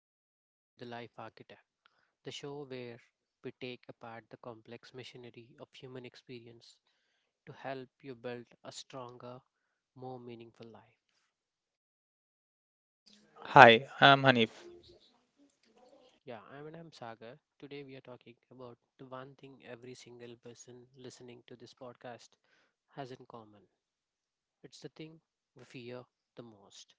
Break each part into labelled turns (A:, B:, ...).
A: You're listening to The Life Architect, the show where we take apart the complex machinery of human experience to help you build a stronger, more meaningful life.
B: Hi, I'm Hanif,
A: Yeah, I'm Sagar. Today, we are talking about the one thing every single person listening to this podcast has in common, it's the thing we fear the most,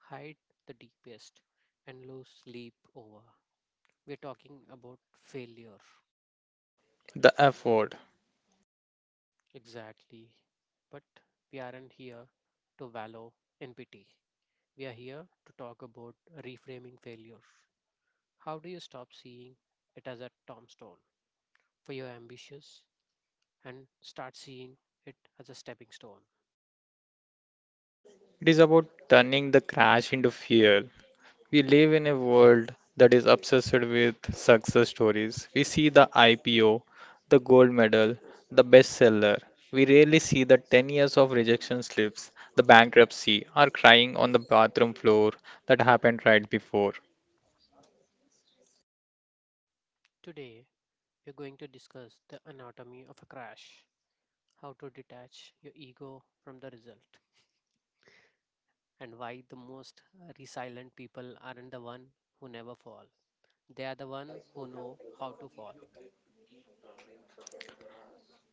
A: hide the deepest, and lose sleep over. We're talking about failure.
B: the F word.
A: Exactly. But we aren't here to wallow in pity. We are here to talk about reframing failure. How do you stop seeing it as a tombstone for your ambitions and start seeing it as a stepping stone?
B: It is about turning the crash into fuel. We live in a world that is obsessed with success stories. We see the IPO, the gold medal, the bestseller. We rarely see the 10 years of rejection slips, the bankruptcy, or crying on the bathroom floor that happened right before.
A: Today, we're going to discuss the anatomy of a crash, how to detach your ego from the result, and why the most resilient people aren't the one who never fall. They are the one who know how to fall.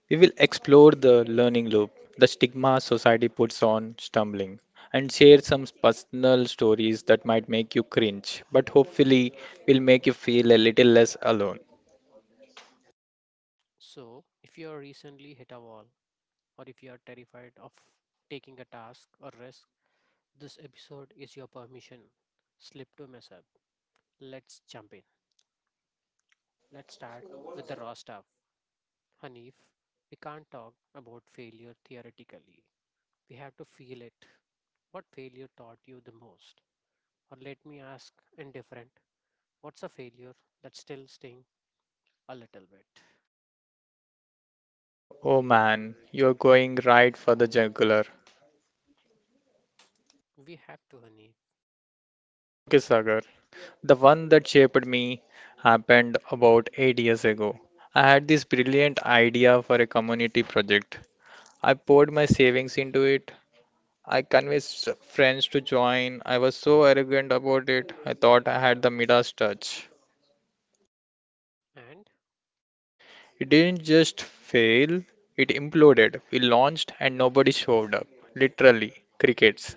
B: We will explore the learning loop, the stigma society puts on stumbling, and share some personal stories that might make you cringe, but hopefully will make you feel a little less alone.
A: So, if you are recently hit a wall, or if you are terrified of taking a task or risk, this episode is your permission. Slip to mess up. Let's jump in. Let's start with the raw stuff. Hanif, we can't talk about failure theoretically. We have to feel it. What failure taught you the most? Or let me ask indifferent, what's a failure that still sting a little bit?
B: Oh man, you're going right for the jugular.
A: We have to, Hanif.
B: Okay, Sagar. The one that shaped me happened about 8 years ago. I had this brilliant idea for a community project. I poured my savings into it, I convinced friends to join. I was so arrogant about it. I thought I had the Midas touch.
A: And
B: It didn't just fail, it imploded. We launched and nobody showed up. Literally, crickets.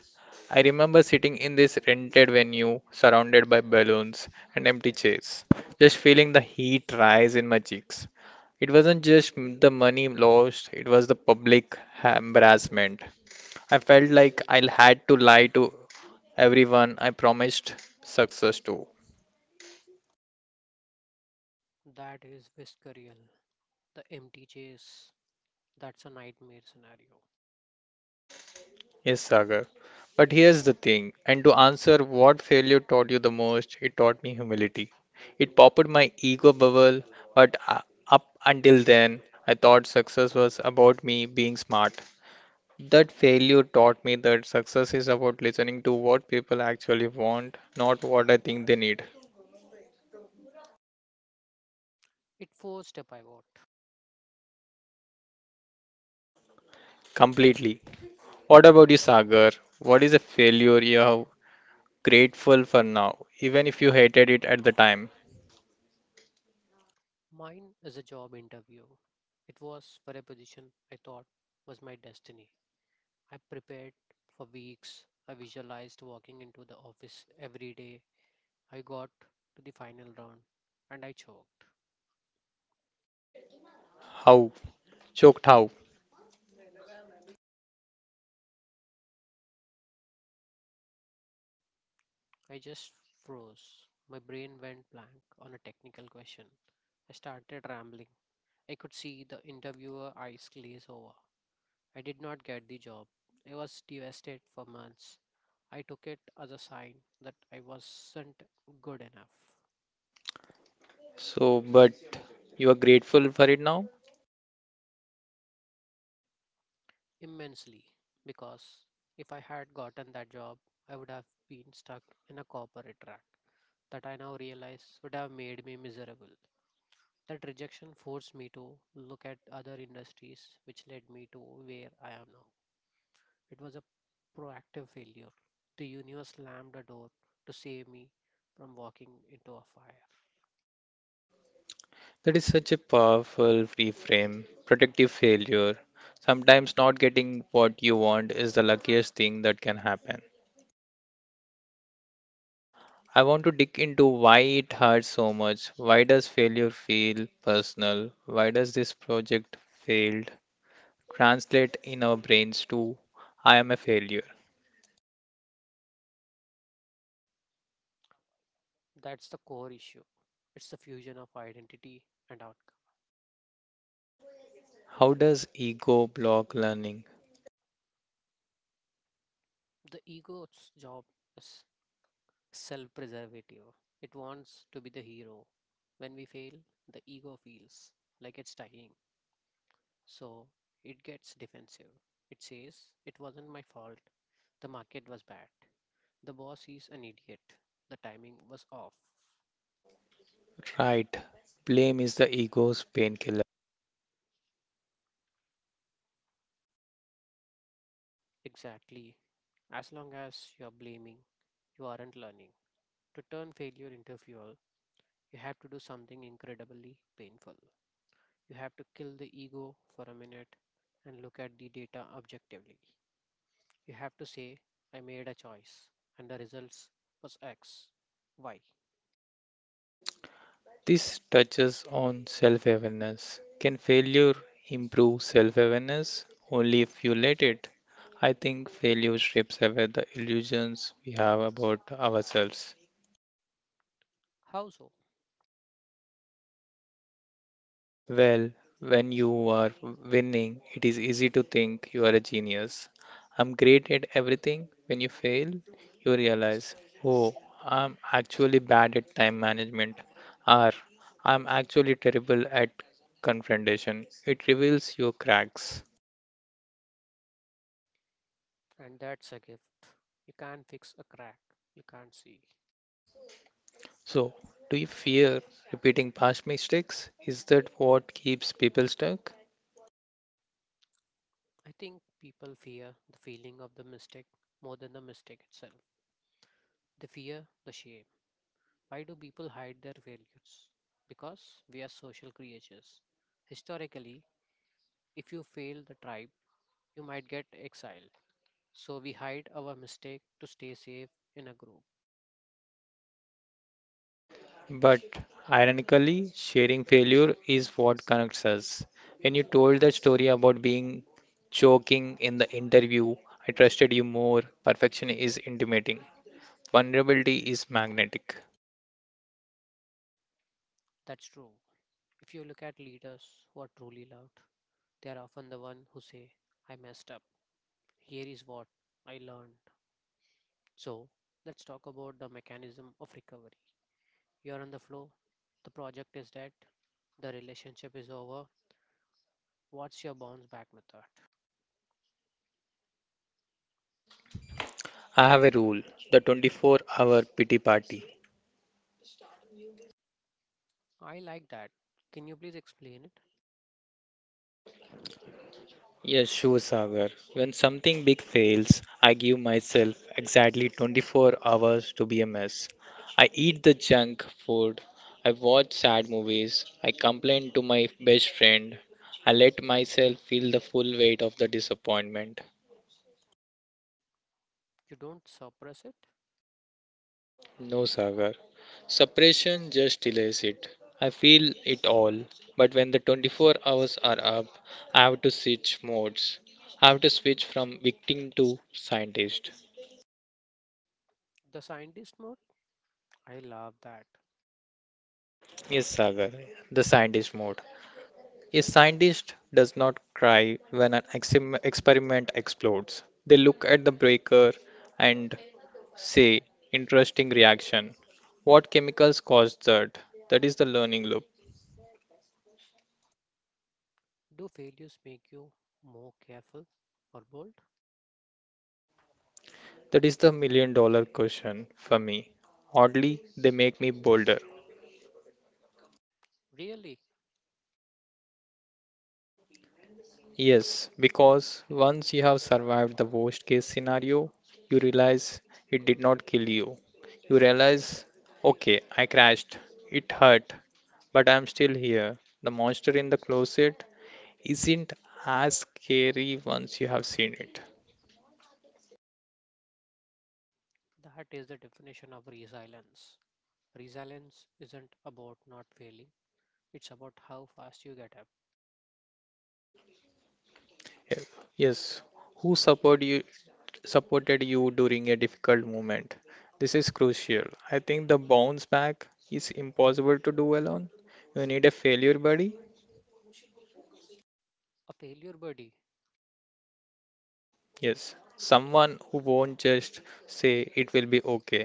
B: I remember sitting in this rented venue, surrounded by balloons and empty chairs, just feeling the heat rise in my cheeks. It wasn't just the money lost, it was the public embarrassment. I felt like I will had to lie to everyone I promised success to.
A: that is visceral. The empty chase. That's a nightmare scenario.
B: Yes, Sagar. But here's the thing, and to answer what failure taught you the most, it taught me humility. It popped my ego bubble, but up until then, I thought success was about me being smart. That failure taught me that success is about listening to what people actually want, not what I think they need.
A: It forced a pivot.
B: Completely. What about you, Sagar? What is a failure you have grateful for now, even if you hated it at the time.
A: Mine is a job interview. It was for a position I thought was my destiny. I prepared for weeks. I visualized walking into the office every day. I got to the final round and I choked.
B: How? Choked how?
A: I just froze. My brain went blank on a technical question. I started rambling. I could see the interviewer eyes glaze over. I did not get the job. I was devastated for months. I took it as a sign that I wasn't good enough,
B: So, but you are grateful for it now?
A: immensely, because if I had gotten that job, I would have been stuck in a corporate rat that I now realize would have made me miserable. That rejection forced me to look at other industries, which led me to where I am now. It was a proactive failure. The universe slammed a door to save me from walking into a fire.
B: That is such a powerful reframe. Protective failure. Sometimes not getting what you want is the luckiest thing that can happen. I want to dig into why it hurts so much. Why does failure feel personal? Why does this project failed translate in our brains to I am a failure?
A: That's the core issue. It's the fusion of identity and outcome.
B: How does ego block learning?
A: The ego's job is self preservative. It wants to be the hero. When we fail, the ego feels like it's dying. So it gets defensive. It says, it wasn't my fault. The market was bad. The boss is an idiot. The timing was off.
B: Right, blame is the ego's painkiller.
A: Exactly. As long as you're blaming, you aren't learning. To turn failure into fuel, you have to do something incredibly painful. You have to kill the ego for a minute and look at the data objectively. You have to say, I made a choice, and the results was X. Why?
B: This touches on self awareness. Can failure improve self awareness? Only if you let it. I think failure strips away the illusions we have about ourselves.
A: How so?
B: Well, when you are winning, it is easy to think you are a genius. I'm great at everything. When you fail, you realize, oh, I'm actually bad at time management, or I'm actually terrible at confrontation. It reveals your cracks.
A: And that's a gift. You can't fix a crack you can't see.
B: So, do you fear repeating past mistakes? Is that what keeps people stuck?
A: I think people fear the feeling of the mistake more than the mistake itself. They fear the shame. Why do people hide their failures? Because we are social creatures. Historically, if you fail the tribe, you might get exiled. So we hide our mistake to stay safe in a group.
B: But ironically, sharing failure is what connects us. When you told that story about being choking in the interview, I trusted you more. Perfection is intimidating. Vulnerability is magnetic.
A: That's true. If you look at leaders who are truly loved, they are often the one who say, I messed up. Here is what I learned. So let's talk about the mechanism of recovery. You are on the floor, the project is dead, the relationship is over. What's your bounce back method?
B: I have a rule, the 24-hour pity party.
A: I like that. Can you please explain it?
B: Yes, sure, Sagar. When something big fails, I give myself exactly 24 hours to be a mess. I eat the junk food, I watch sad movies, I complain to my best friend, I let myself feel the full weight of the disappointment.
A: You don't suppress it?
B: No, Sagar. Suppression just delays it. I feel it all, but when the 24 hours are up, I have to switch modes. I have to switch from victim to scientist.
A: The scientist mode? I love that.
B: Yes, Sagar, the scientist mode. A scientist does not cry when an experiment explodes. They look at the breaker and say, interesting reaction. What chemicals caused that? That is the learning loop.
A: Do failures make you more careful or bold?
B: That is the million dollar question for me. Oddly, they make me bolder.
A: Really?
B: Yes, because once you have survived the worst case scenario, you realize it did not kill you. You realize, okay, I crashed, it hurt, but I'm still here. The monster in the closet isn't as scary once you have seen it.
A: That is the definition of resilience. Resilience isn't about not failing, it's about how fast you get up.
B: Eh, Yes, who supported you, supported you during a difficult moment? This is crucial. I think the bounce back is impossible to do alone. You need a failure buddy.
A: A failure buddy.
B: Yes, someone who won't just say it will be okay.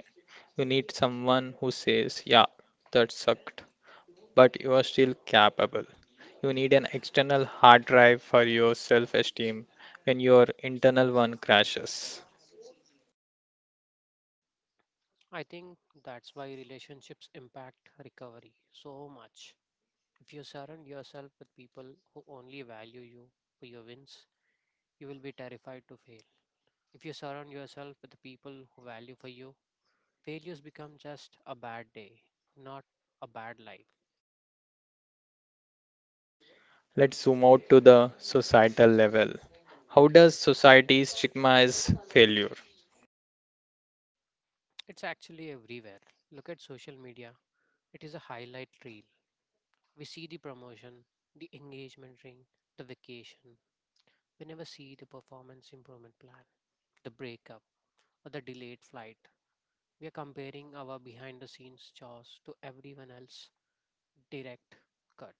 B: You need someone who says, yeah, that sucked, but you are still capable. You need an external hard drive for your self esteem when your internal one crashes.
A: I think that's why relationships impact recovery so much. If you surround yourself with people who only value you for your wins, you will be terrified to fail. If you surround yourself with the people who value for you, failures become just a bad day, not a bad life.
B: Let's zoom out to the societal level. How does society stigmatize failure?
A: It's actually everywhere. Look at social media. It is a highlight reel. We see the promotion, the engagement ring, the vacation. We never see the performance improvement plan, the breakup, or the delayed flight. We are comparing our behind the scenes chores to everyone else's direct cut.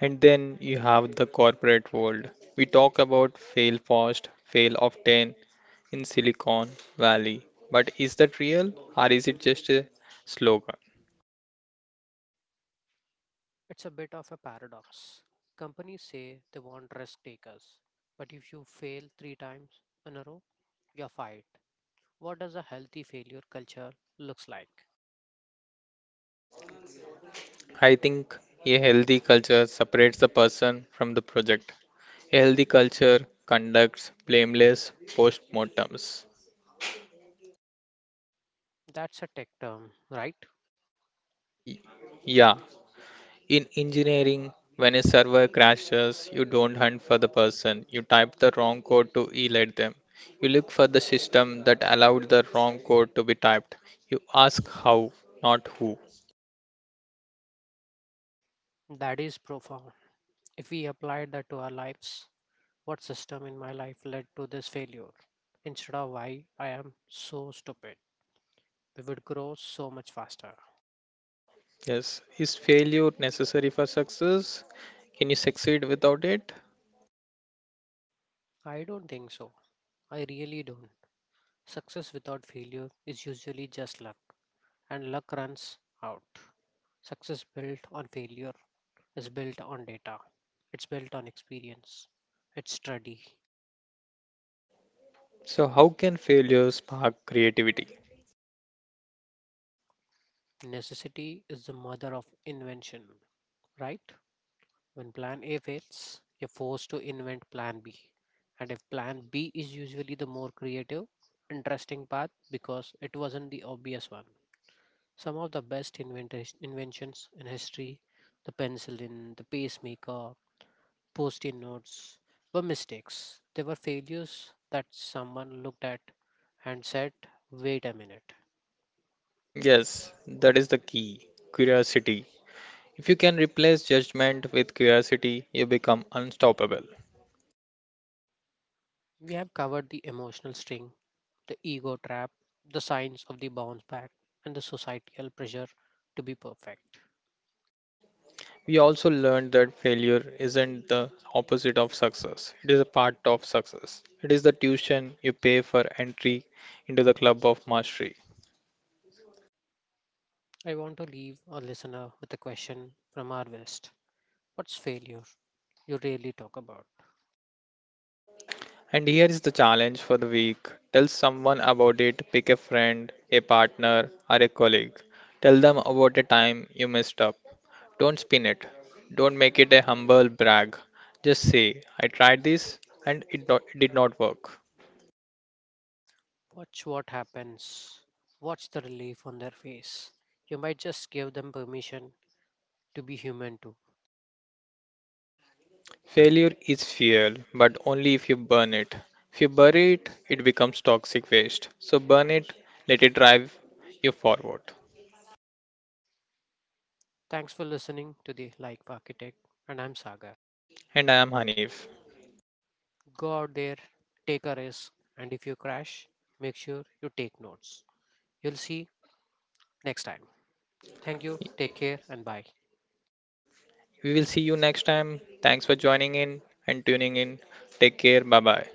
B: And then you have the corporate world. We talk about fail fast, fail often, in Silicon Valley. But is that real or is it just a slogan?
A: It's a bit of a paradox. Companies say they want risk takers, but if you fail three times in a row, you're fired. What does a healthy failure culture looks like?
B: I think a healthy culture separates the person from the project. A healthy culture conducts blameless postmortems.
A: That's a tech term, right?
B: Y- Yeah, in engineering, when a server crashes, you don't hunt for the person. You type the wrong code to elate them. You look for the system that allowed the wrong code to be typed. You ask how, not who.
A: That is profound. If we applied that to our lives, what system in my life led to this failure? Instead of why I am so stupid, we would grow so much faster.
B: Yes. Is failure necessary for success? Can you succeed without it?
A: I don't think so. I really don't. Success without failure is usually just luck, and luck runs out. Success built on failure is built on data, it's built on experience, it's study.
B: So, how can failure spark creativity?
A: Necessity is the mother of invention, right? When plan A fails, you're forced to invent plan B. And if plan B is usually the more creative, interesting path because it wasn't the obvious one. Some of the best inventions in history, the penicillin, the pacemaker, post it notes, were mistakes. They were failures that someone looked at and said, wait a minute.
B: Yes, that is the key curiosity. If you can replace judgment with curiosity, you become unstoppable.
A: We have covered the emotional string, the ego trap, the signs of the bounce back, and the societal pressure to be perfect.
B: We also learned that failure isn't the opposite of success, it is a part of success. It is the tuition you pay for entry into the club of mastery.
A: I want to leave our listener with a question from our West. What's failure you really talk about?
B: And here is the challenge for the week. Tell someone about it, pick a friend, a partner, or a colleague. Tell them about a time you messed up. Don't spin it. Don't make it a humble brag. Just say, I tried this and it, not, it did not work.
A: Watch what happens, watch the relief on their face. You might just give them permission to be human too.
B: Failure is fuel, but only if you burn it. If you bury it, it becomes toxic waste. So burn it, let it drive you forward.
A: Thanks for listening to the Like Architect, and I'm Sagar.
B: And I am Hanif.
A: Go out there, take a risk, and if you crash, make sure you take notes. You'll see next time. Thank you. Take care and bye.
B: We will see you next time. Thanks for joining in and tuning in. Take care. Bye bye.